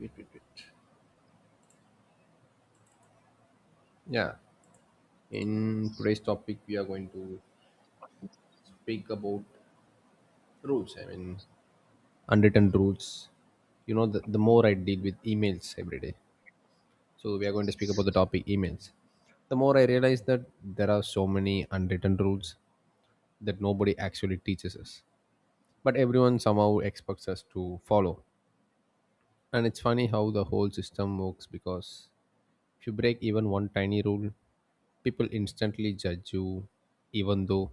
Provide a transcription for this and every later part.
Wait, wait, wait. Yeah, in today's topic, we are going to speak about rules. I mean, unwritten rules. You know, the more I deal with emails every day, so we are going to speak about the topic emails. The more I realize that there are so many unwritten rules that nobody actually teaches us, but everyone somehow expects us to follow. And it's funny how the whole system works because if you break even one tiny rule, people instantly judge you, even though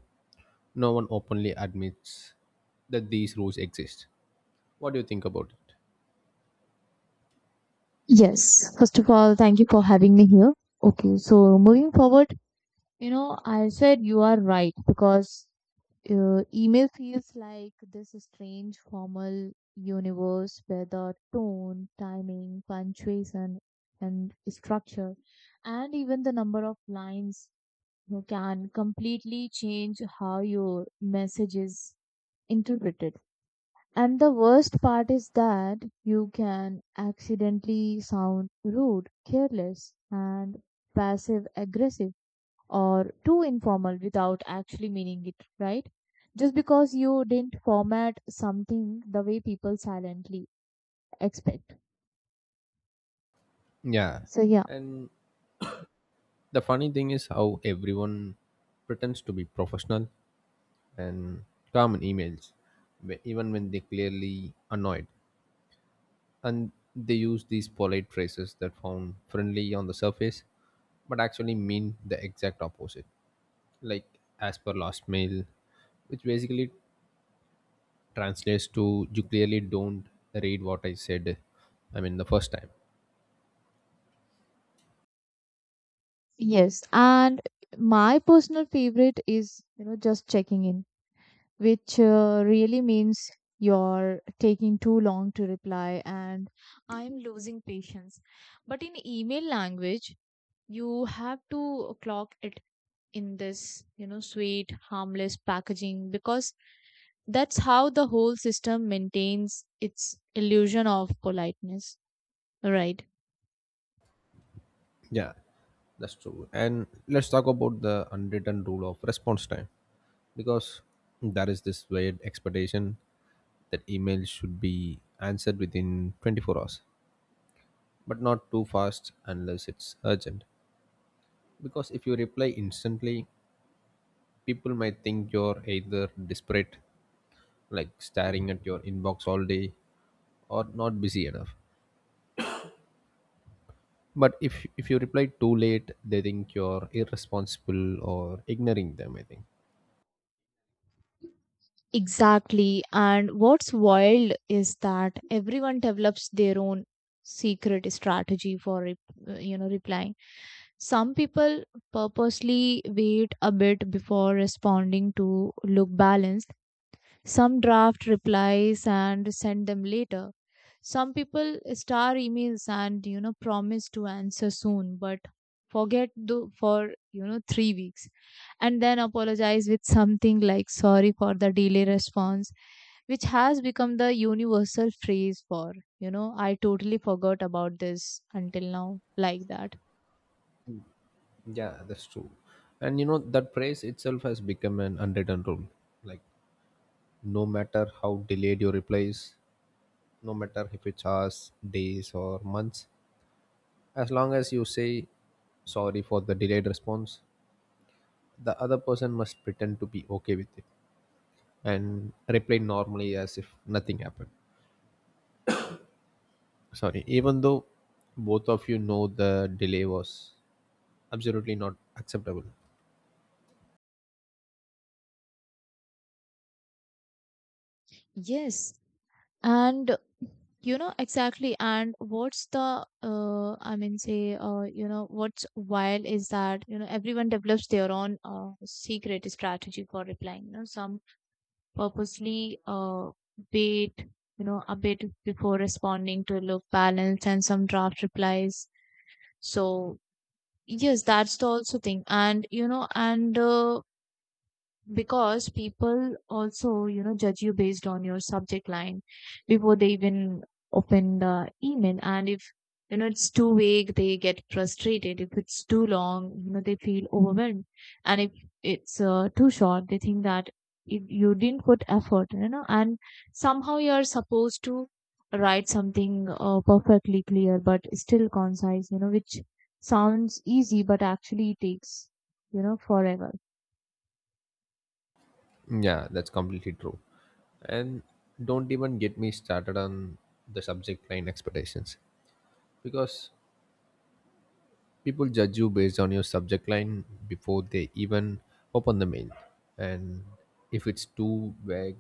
no one openly admits that these rules exist. What do you think about it? Yes. First of all, thank you for having me here. Okay, so moving forward, I said you are right because email feels like this strange formal universe where the tone, timing, punctuation, and structure, and even the number of lines you can completely change how your message is interpreted. And the worst part is that you can accidentally sound rude, careless, and passive aggressive or too informal without actually meaning it, right? Just because you didn't format something the way people silently expect. Yeah. So, yeah. And the funny thing is how everyone pretends to be professional and calm in emails, even when they clearly annoyed. And they use these polite phrases that sound friendly on the surface, but actually mean the exact opposite. Like, as per last mail, which basically translates to you clearly don't read what I said, I mean, the first time. Yes. And my personal favorite is, just checking in, which really means you're taking too long to reply and I'm losing patience. But in email language, you have to clock it in this, sweet, harmless packaging because that's how the whole system maintains its illusion of politeness, right? Yeah, that's true. And let's talk about the unwritten rule of response time because there is this weird expectation that emails should be answered within 24 hours, but not too fast unless it's urgent. Because if you reply instantly, people might think you're either desperate, like staring at your inbox all day, or not busy enough. But if you reply too late, they think you're irresponsible or ignoring them, I think. Exactly. And what's wild is that everyone develops their own secret strategy for replying. Some people purposely wait a bit before responding to look balanced. Some draft replies and send them later. Some people star emails and promise to answer soon, but forget for 3 weeks, and then apologize with something like sorry for the delay response, which has become the universal phrase for, I totally forgot about this until now, like that. Yeah, that's true. And you know, that praise itself has become an unwritten rule. Like, no matter how delayed your reply is, no matter if it's hours, days, or months, as long as you say sorry for the delayed response, the other person must pretend to be okay with it and reply normally as if nothing happened. Sorry, even though both of you know the delay was absolutely not acceptable. Yes, and exactly. And what's the I mean say what's wild is that, everyone develops their own secret strategy for replying. Some purposely wait, a bit before responding to look balanced, and some draft replies. So yes, that's the also thing. And because people also, judge you based on your subject line before they even open the email. And if, it's too vague, they get frustrated. If it's too long, they feel overwhelmed. And if it's too short, they think that if you didn't put effort, and somehow you're supposed to write something perfectly clear but still concise, which sounds easy but actually takes, forever. Yeah, that's completely true. And don't even get me started on the subject line expectations because people judge you based on your subject line before they even open the mail. And if it's too vague,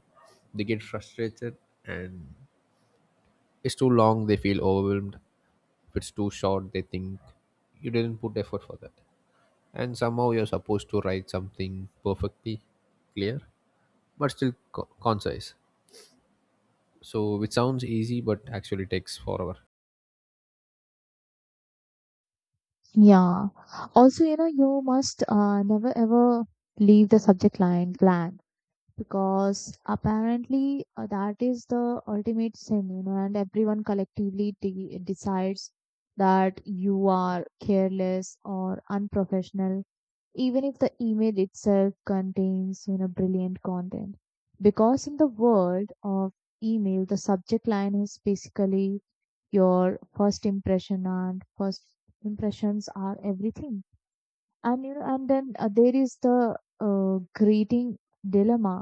they get frustrated, and it's too long, they feel overwhelmed. If it's too short, they think you didn't put effort for that. And somehow you're supposed to write something perfectly clear but still concise, so which sounds easy but actually takes forever. Yeah. Also, you must never ever leave the subject line blank, because apparently that is the ultimate sin, and everyone collectively de decides that you are careless or unprofessional, even if the email itself contains, brilliant content. Because in the world of email, the subject line is basically your first impression, and first impressions are everything. And then there is the uh, greeting dilemma.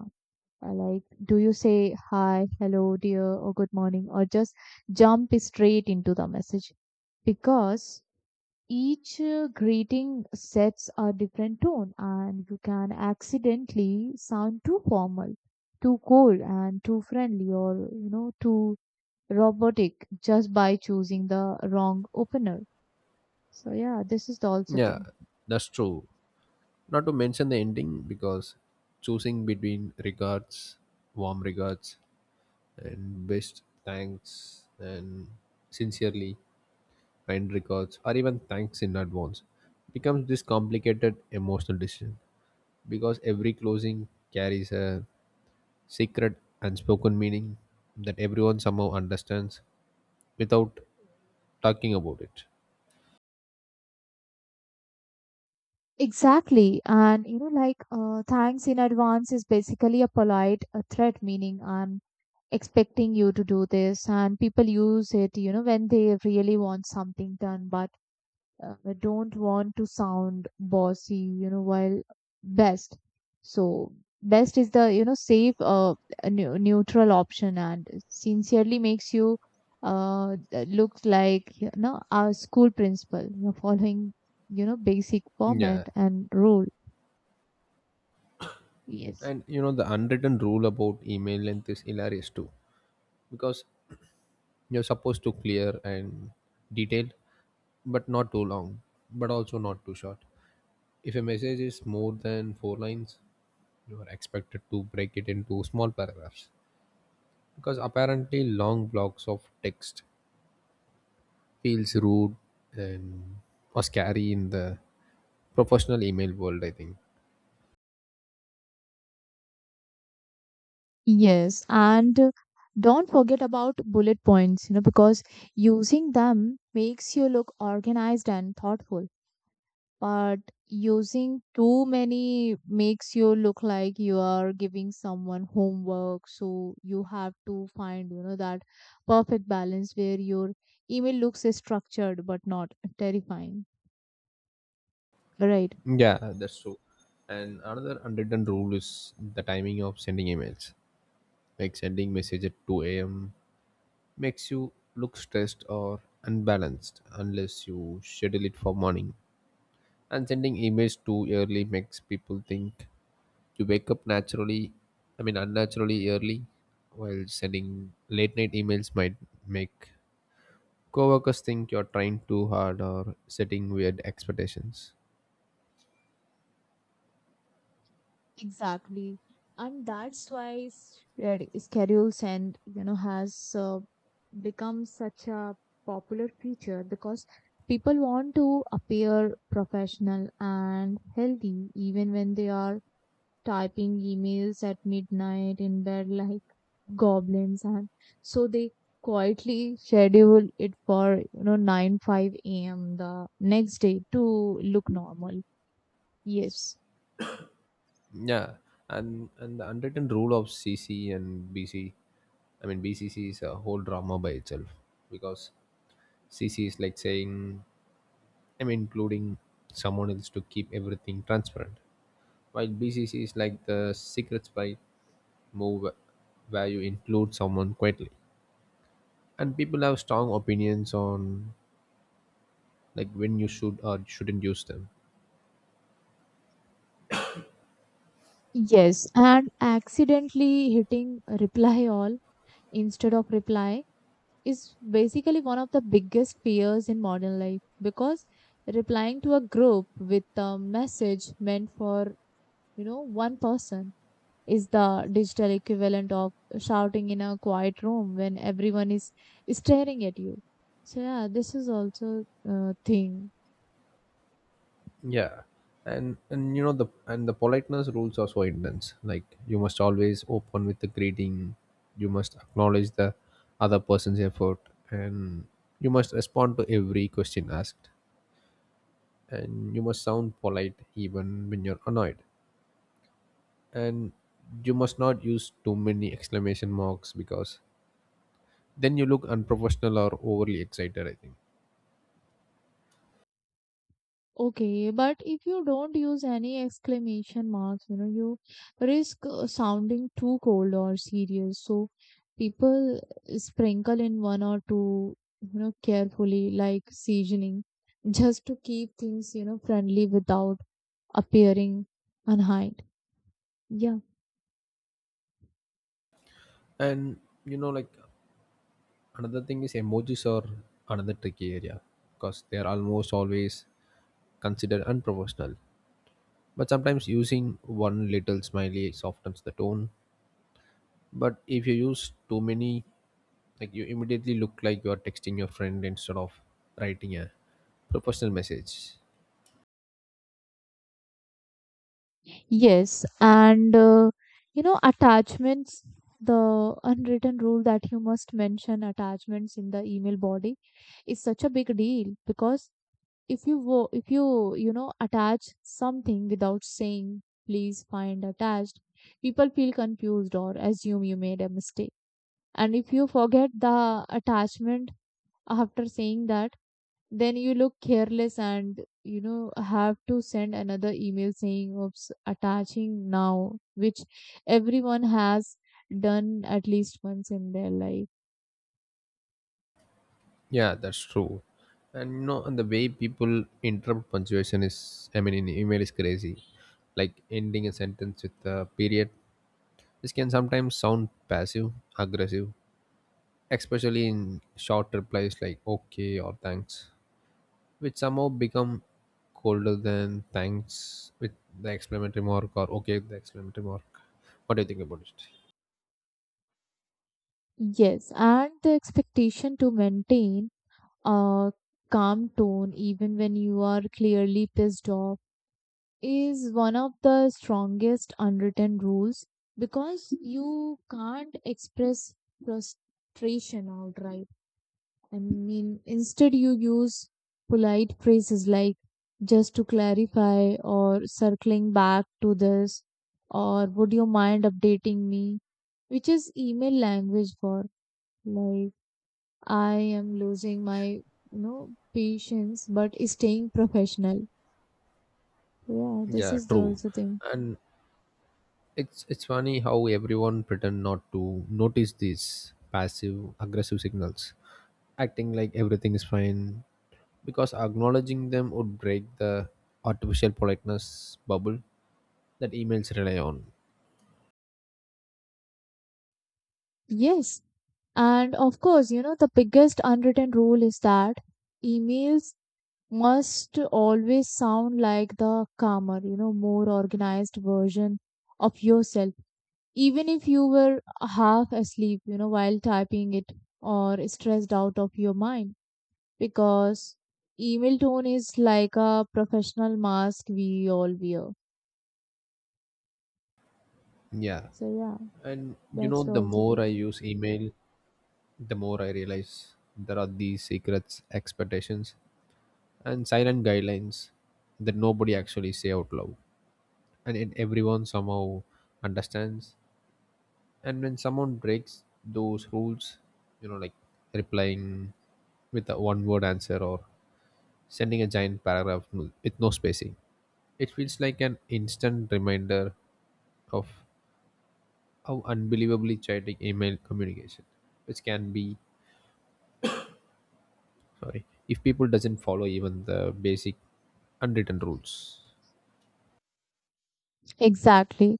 Like, do you say hi, hello, dear, or good morning, or just jump straight into the message, because each greeting sets a different tone, and you can accidentally sound too formal, too cold, and too friendly, or too robotic just by choosing the wrong opener. So yeah, this is the also Yeah, thing. that's true. Not to mention the ending, because choosing between regards, warm regards, and best, thanks, and sincerely, kind regards, or even thanks in advance becomes this complicated emotional decision, because every closing carries a secret unspoken meaning that everyone somehow understands without talking about it. Exactly. And thanks in advance is basically a polite threat, meaning I'm expecting you to do this. And people use it, when they really want something done by, I don't want to sound bossy, while best. So best is the, safe, neutral option, and sincerely makes you look like, our school principal, following, basic Yeah. format and rule. Yes. And you know, the unwritten rule about email length is hilarious too, because you're supposed to clear and detailed, but not too long, but also not too short. If a message is more than four lines, you are expected to break it into small paragraphs, because apparently long blocks of text feels rude and or scary in the professional email world. I think. Yes. And don't forget about bullet points, because using them makes you look organized and thoughtful, but using too many makes you look like you are giving someone homework. So you have to find, that perfect balance where your email looks structured but not terrifying, right? Yeah, that's true. And another unwritten rule is the timing of sending emails. Like sending message at 2 a.m. makes you look stressed or unbalanced unless you schedule it for morning. And sending emails too early makes people think you wake up naturally, I mean unnaturally early, while sending late night emails might make coworkers think you're trying too hard or setting weird expectations. Exactly. And that's why red schedules and, has become such a popular feature, because people want to appear professional and healthy even when they are typing emails at midnight in bed like goblins. And so they quietly schedule it for, 9 5 a.m the next day to look normal. Yes. Yeah, and the unwritten rule of CC and BC, I mean, BCC is a whole drama by itself, because CC is like saying, I mean, including someone else to keep everything transparent. While BCC is like the secret spy move where you include someone quietly. And people have strong opinions on like when you should or shouldn't use them. Yes, and accidentally hitting reply all instead of reply is basically one of the biggest fears in modern life, because replying to a group with a message meant for, one person is the digital equivalent of shouting in a quiet room when everyone is staring at you. So yeah, this is also a thing. Yeah. And you know the politeness rules are so intense. Like you must always open with the greeting, you must acknowledge the other person's effort, and you must respond to every question asked, and you must sound polite even when you're annoyed, and you must not use too many exclamation marks because then you look unprofessional or overly excited. I think. Okay, but if you don't use any exclamation marks, you risk sounding too cold or serious. So people sprinkle in one or two, carefully, like seasoning, just to keep things, friendly without appearing unkind. Yeah. And you know, like, another thing is emojis are another tricky area because they are almost always considered unprofessional, but sometimes using one little smiley softens the tone, but if you use too many, like, you immediately look like you are texting your friend instead of writing a professional message. Yes, and attachments, the unwritten rule that you must mention attachments in the email body is such a big deal, because if you you know attach something without saying please find attached, people feel confused or assume you made a mistake. And if you forget the attachment after saying that, then you look careless, and have to send another email saying oops, attaching now, which everyone has done at least once in their life. Yeah, that's true. And you know, and the way people interrupt punctuation is, I mean, in email is crazy. Like ending a sentence with a period, this can sometimes sound passive, aggressive, especially in short replies like okay or thanks, which somehow become colder than thanks with the exclamatory mark or okay with the exclamatory mark. What do you think about it? Yes, and the expectation to maintain a calm tone even when you are clearly pissed off is one of the strongest unwritten rules, because you can't express frustration outright. I mean, instead you use polite phrases like just to clarify, or circling back to this, or would you mind updating me, which is email language for, like, I am losing my, patience, but staying professional. Yeah, this Yeah, is the true. also thing. And it's funny how everyone pretend not to notice these passive aggressive signals, acting like everything is fine because acknowledging them would break the artificial politeness bubble that emails rely on. Yes. And of course, the biggest unwritten rule is that emails must always sound like the calmer, more organized version of yourself, even if you were half asleep, while typing it, or stressed out of your mind. Because email tone is like a professional mask we all wear. Yeah. So, yeah, And you that's know the the also more I thing. use email, the more I realize there are these secrets, expectations, and silent guidelines that nobody actually say out loud. And everyone somehow understands. And when someone breaks those rules, you know, like replying with a one word answer or sending a giant paragraph with no spacing, it feels like an instant reminder of how unbelievably chaotic email communication, which can be, sorry, if people doesn't follow even the basic unwritten rules. Exactly.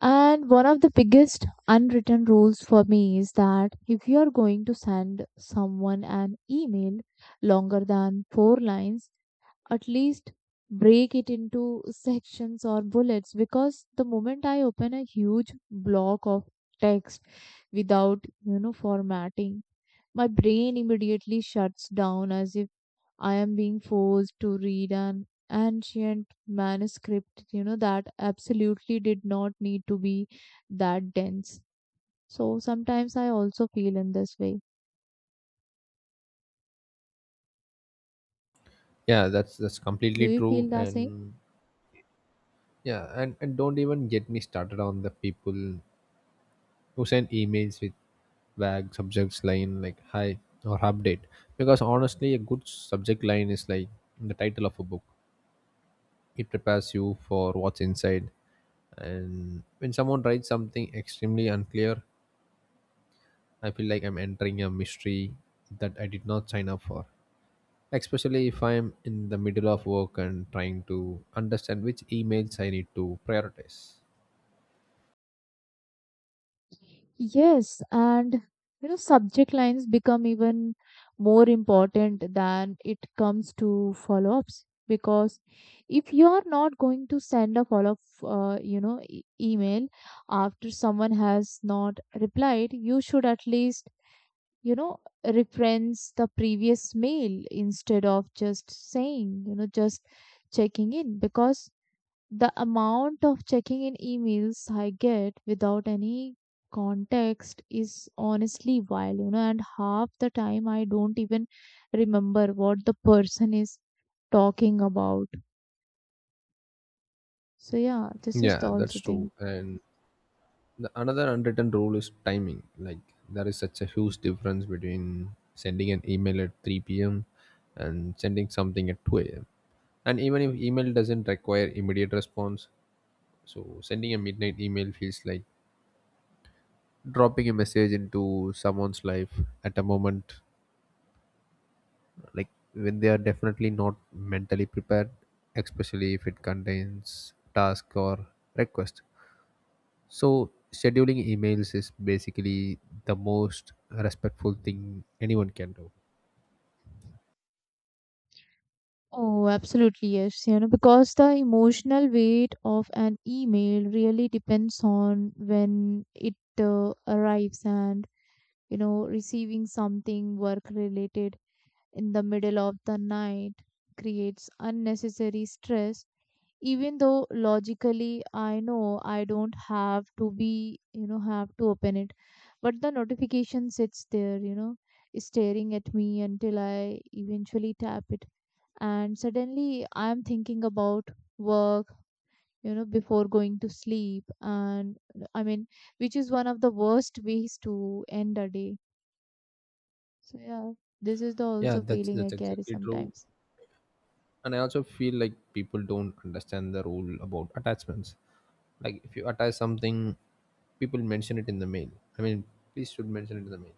And one of the biggest unwritten rules for me is that if you are going to send someone an email longer than four lines, at least break it into sections or bullets, because the moment I open a huge block of text without, formatting, my brain immediately shuts down, as I am being forced to read an ancient manuscript, that absolutely did not need to be that dense. So sometimes I also feel in this way. Yeah, that's Do completely you true. feel the same? And yeah, and don't even get me started on the people to send emails with vague subjects line like hi or update, because honestly a good subject line is like the title of a book. It prepares you for what's inside. And when someone writes something extremely unclear, I feel like I'm entering a mystery that I did not sign up for, especially if I'm in the middle of work and trying to understand which emails I need to prioritize. Yes, and subject lines become even more important than it comes to follow-ups, because if you are not going to send a follow-up, email after someone has not replied, you should at least, you know, reference the previous mail instead of just saying, just checking in, because the amount of checking in emails I get without any context is honestly wild, and half the time I don't even remember what the person is talking about. So yeah, this is Yeah, the that's also true. thing. And the another unwritten rule is timing. Like there is such a huge difference between sending an email at 3 p.m. and sending something at 2 a.m., and even if email doesn't require immediate response, so sending a midnight email feels like dropping a message into someone's life at a moment, like, when they are definitely not mentally prepared, especially if it contains task or request. So scheduling emails is basically the most respectful thing anyone can do. Oh, absolutely, yes. Because the emotional weight of an email really depends on when it arrives, and, receiving something work related in the middle of the night creates unnecessary stress. Even though logically I know I don't have to be, have to open it, but the notification sits there, staring at me until I eventually tap it, and suddenly I'm thinking about work, before going to sleep, and, I mean, which is one of the worst ways to end a day. So yeah, this is the Yeah, also that's feeling I that's carry exactly true. sometimes. And I also feel like people don't understand the rule about attachments. Like if you attach something, people mention it in the mail. I mean, please should mention it in the mail.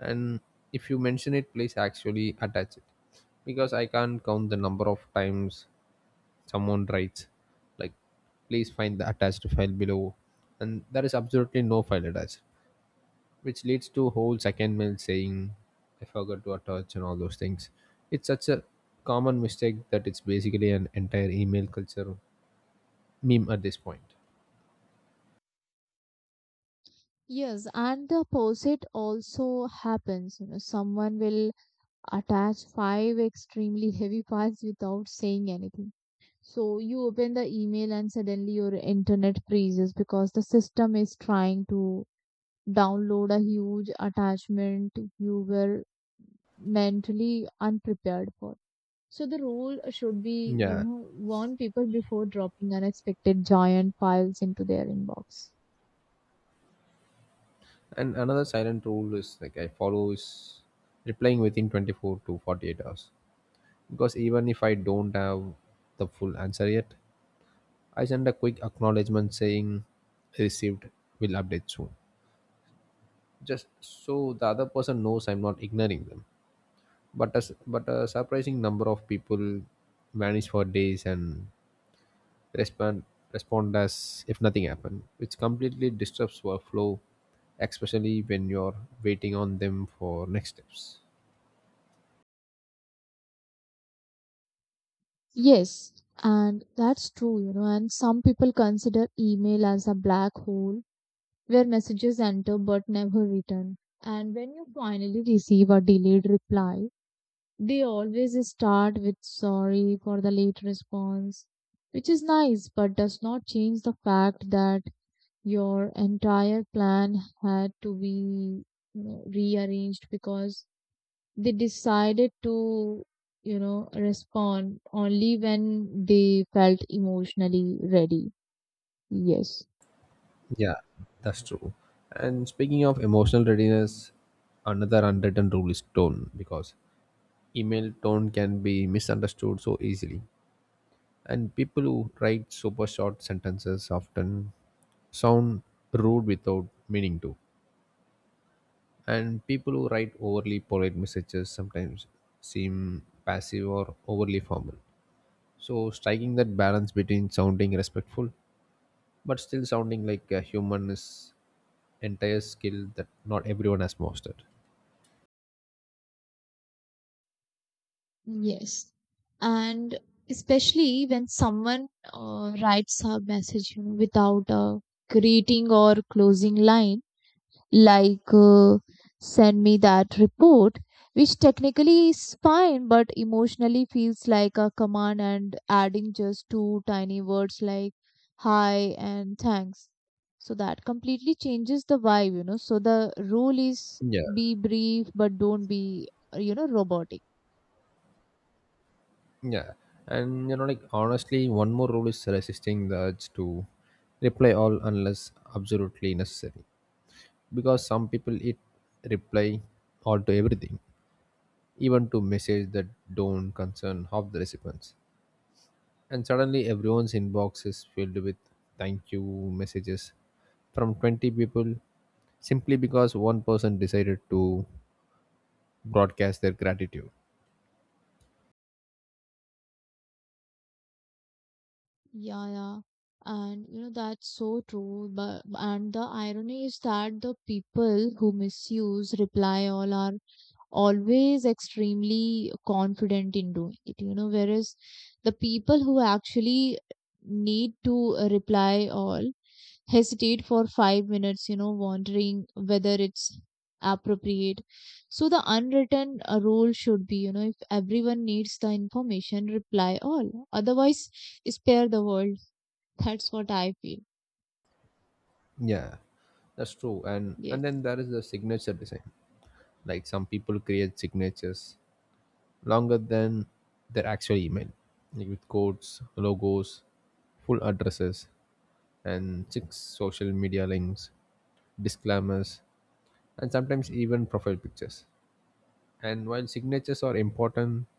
And if you mention it, please actually attach it. Because I can't count the number of times someone writes like please find the attached file below and there is absolutely no file attached, which leads to whole second mail saying I forgot to attach and all those things. It's such a common mistake that it's basically an entire email culture meme at this point. Yes, and the opposite also happens. Someone will attach five extremely heavy files without saying anything, so you open the email and suddenly your internet freezes because the system is trying to download a huge attachment you were mentally unprepared for. So the rule should be, Yeah, warn people before dropping unexpected giant files into their inbox. and another silent rule is like I follow is replying within 24 to 48 hours, because even if I don't have the full answer yet, I send a quick acknowledgement saying received, will update soon, just so the other person knows I'm not ignoring them. But a surprising number of people vanish for days and respond respond as if nothing happened, which completely disrupts workflow, especially when you're waiting on them for next steps. Yes, and that's true, and some people consider email as a black hole where messages enter but never return. And when you finally receive a delayed reply, they always start with sorry for the late response, which is nice but does not change the fact that your entire plan had to be, rearranged, because they decided to, respond only when they felt emotionally ready. Yes. Yeah, that's true. And speaking of emotional readiness, another unwritten rule is tone, because email tone can be misunderstood so easily, and people who write super short sentences often sound rude without meaning to. And people who write overly polite messages sometimes seem passive or overly formal. So, striking that balance between sounding respectful but still sounding like a human is entire skill that not everyone has mastered. Yes. And especially when someone writes a message, without a greeting or closing line, like, send me that report, which technically is fine, but emotionally feels like a command. And adding just two tiny words like hi and thanks, so that completely changes the vibe. So the rule is Yeah, be brief, but don't be, robotic. yeah, and you know, like honestly, one more rule is resisting the urge to reply all unless absolutely necessary, because some people it reply all to everything, even to messages that don't concern half the recipients. And suddenly everyone's inbox is filled with thank you messages from 20 people simply because one person decided to broadcast their gratitude. Yeah, yeah. And that's so true. But, and the irony is that the people who misuse reply all are always extremely confident in doing it, whereas the people who actually need to reply all hesitate for 5 minutes, wondering whether it's appropriate. So the unwritten rule should be, if everyone needs the information, reply all, otherwise spare the world. That's what I feel. Yeah, that's true. And Yes. then there is the signature design. Like some people create signatures longer than their actual email, like with codes, logos, full addresses, and six social media links, disclaimers, and sometimes even profile pictures. And while signatures are important,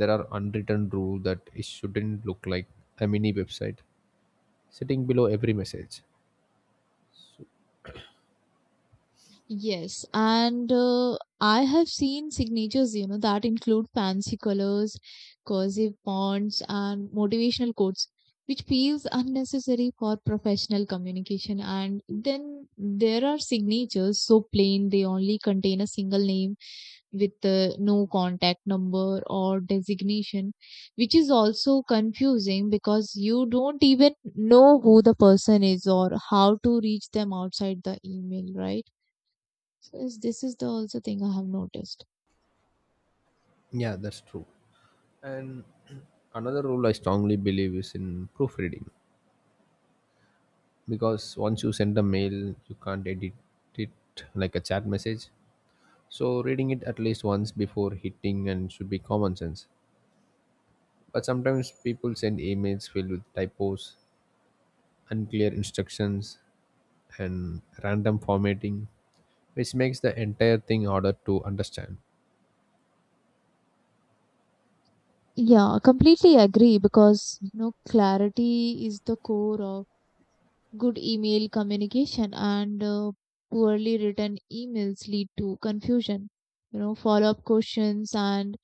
there are unwritten rule that it shouldn't look like a mini website sitting below every message. Yes, and I have seen signatures, that include fancy colors, cursive fonts, and motivational quotes, which feels unnecessary for professional communication. And then there are signatures so plain they only contain a single name with no contact number or designation, which is also confusing because you don't even know who the person is or how to reach them outside the email, right? Because this is the also thing I have noticed. Yeah, that's true. And another rule I strongly believe is in proofreading, because once you send a mail, you can't edit it like a chat message. So reading it at least once before hitting and should be common sense. But sometimes people send emails filled with typos, unclear instructions, and random formatting, which makes the entire thing harder to understand. Yeah, completely agree, because clarity is the core of good email communication, and poorly written emails lead to confusion, follow-up questions, and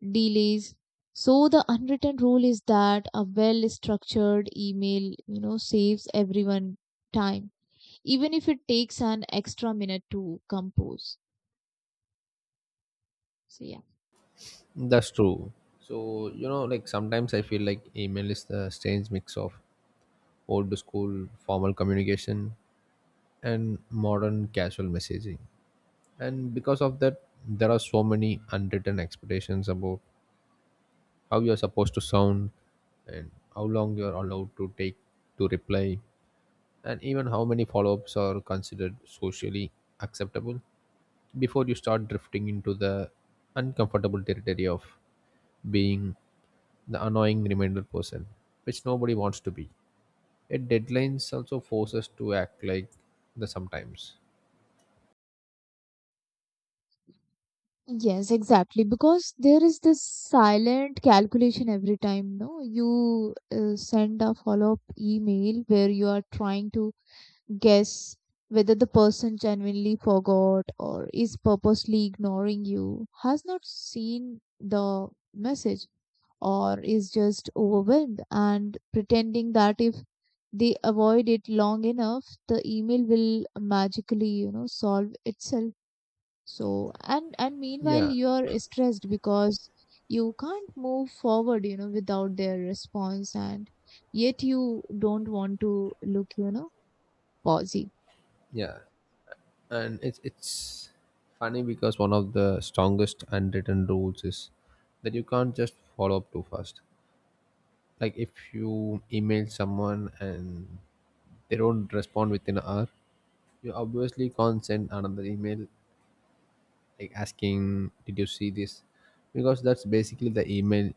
delays. So the unwritten rule is that a well-structured email, saves everyone time, even if it takes an extra minute to compose. So yeah. That's true. So, you know, like sometimes I feel like email is the strange mix of old school formal communication and modern casual messaging. And because of that, there are so many unwritten expectations about how you're supposed to sound and how long you're allowed to take to reply, and even how many follow ups are considered socially acceptable before you start drifting into the uncomfortable territory of being the annoying reminder person, which nobody wants to be. A deadlines also force us to act like the sometimes. Yes, exactly. Because there is this silent calculation every time, no? You send a follow-up email where you are trying to guess whether the person genuinely forgot or is purposely ignoring you, has not seen the message, or is just overwhelmed and pretending that if they avoid it long enough, the email will magically, solve itself. So and meanwhile Yeah, you're stressed because you can't move forward, without their response, and yet you don't want to look, posy. yeah, and it's funny because one of the strongest unwritten rules is that you can't just follow up too fast. Like if you email someone and they don't respond within an hour, you obviously can't send another email like asking, "Did you see this?" Because that's basically the email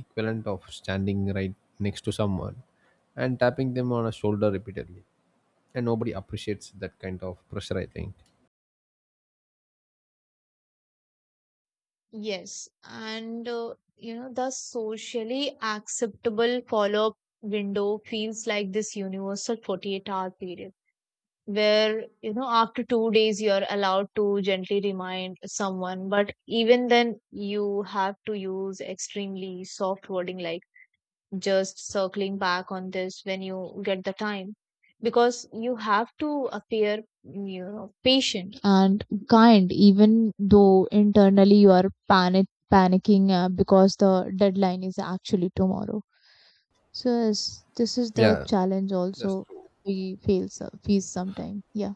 equivalent of standing right next to someone and tapping them on a shoulder repeatedly. And nobody appreciates that kind of pressure, I think. Yes, and the socially acceptable follow-up window feels like this universal 48-hour period where, after 2 days you're allowed to gently remind someone, but even then you have to use extremely soft wording like just circling back on this when you get the time, because you have to appear, patient and kind, even though internally you are panicking because the deadline is actually tomorrow. So yes, this is the Yeah, challenge that's also true. we face sometime. Yeah.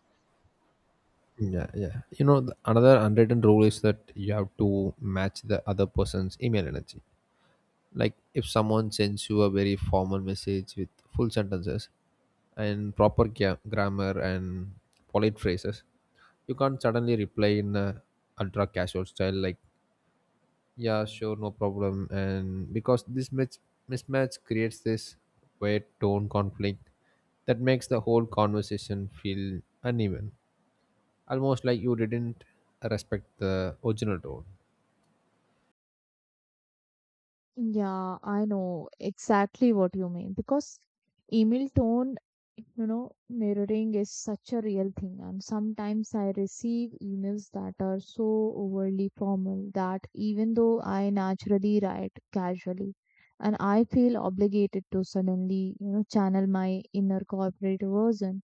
Yeah, yeah. You know, another unwritten rule is that you have to match the other person's email energy. Like if someone sends you a very formal message with full sentences and proper grammar and polite phrases, you can't suddenly reply in a ultra casual style like, "Yeah, sure, no problem." And because this mismatch creates this weird tone conflict that makes the whole conversation feel uneven, almost like you didn't respect the original tone. Yeah, I know exactly what you mean because email tone, mirroring is such a real thing. And sometimes I receive emails that are so overly formal that even though I naturally write casually, and I feel obligated to suddenly, channel my inner corporate version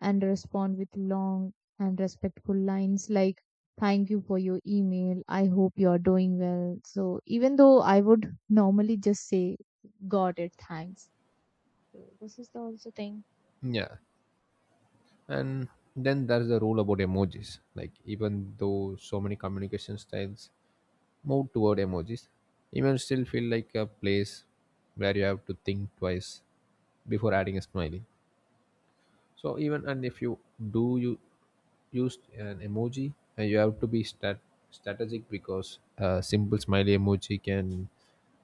and respond with long and respectful lines like thank you for your email, I hope you are doing well, so even though I would normally just say got it, thanks. So this is the also thing. Yeah, and then there's the rule about emojis. Like even though so many communication styles move toward emojis, emails still feel like a place where you have to think twice before adding a smiley. So even and if you do you use an emoji, and you have to be strategic, because a simple smiley emoji can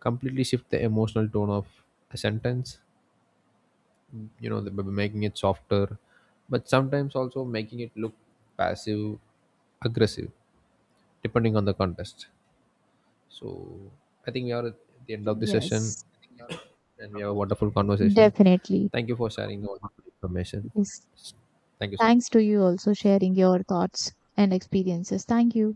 completely shift the emotional tone of a sentence, you know, by making it softer but sometimes also making it look passive aggressive depending on the context. So I think we are at the end of the session Yes, and we have a wonderful conversation. definitely. Thank you for sharing the wonderful information. Yes. Thank you so Thanks to much. you also sharing your thoughts and experiences. Thank you.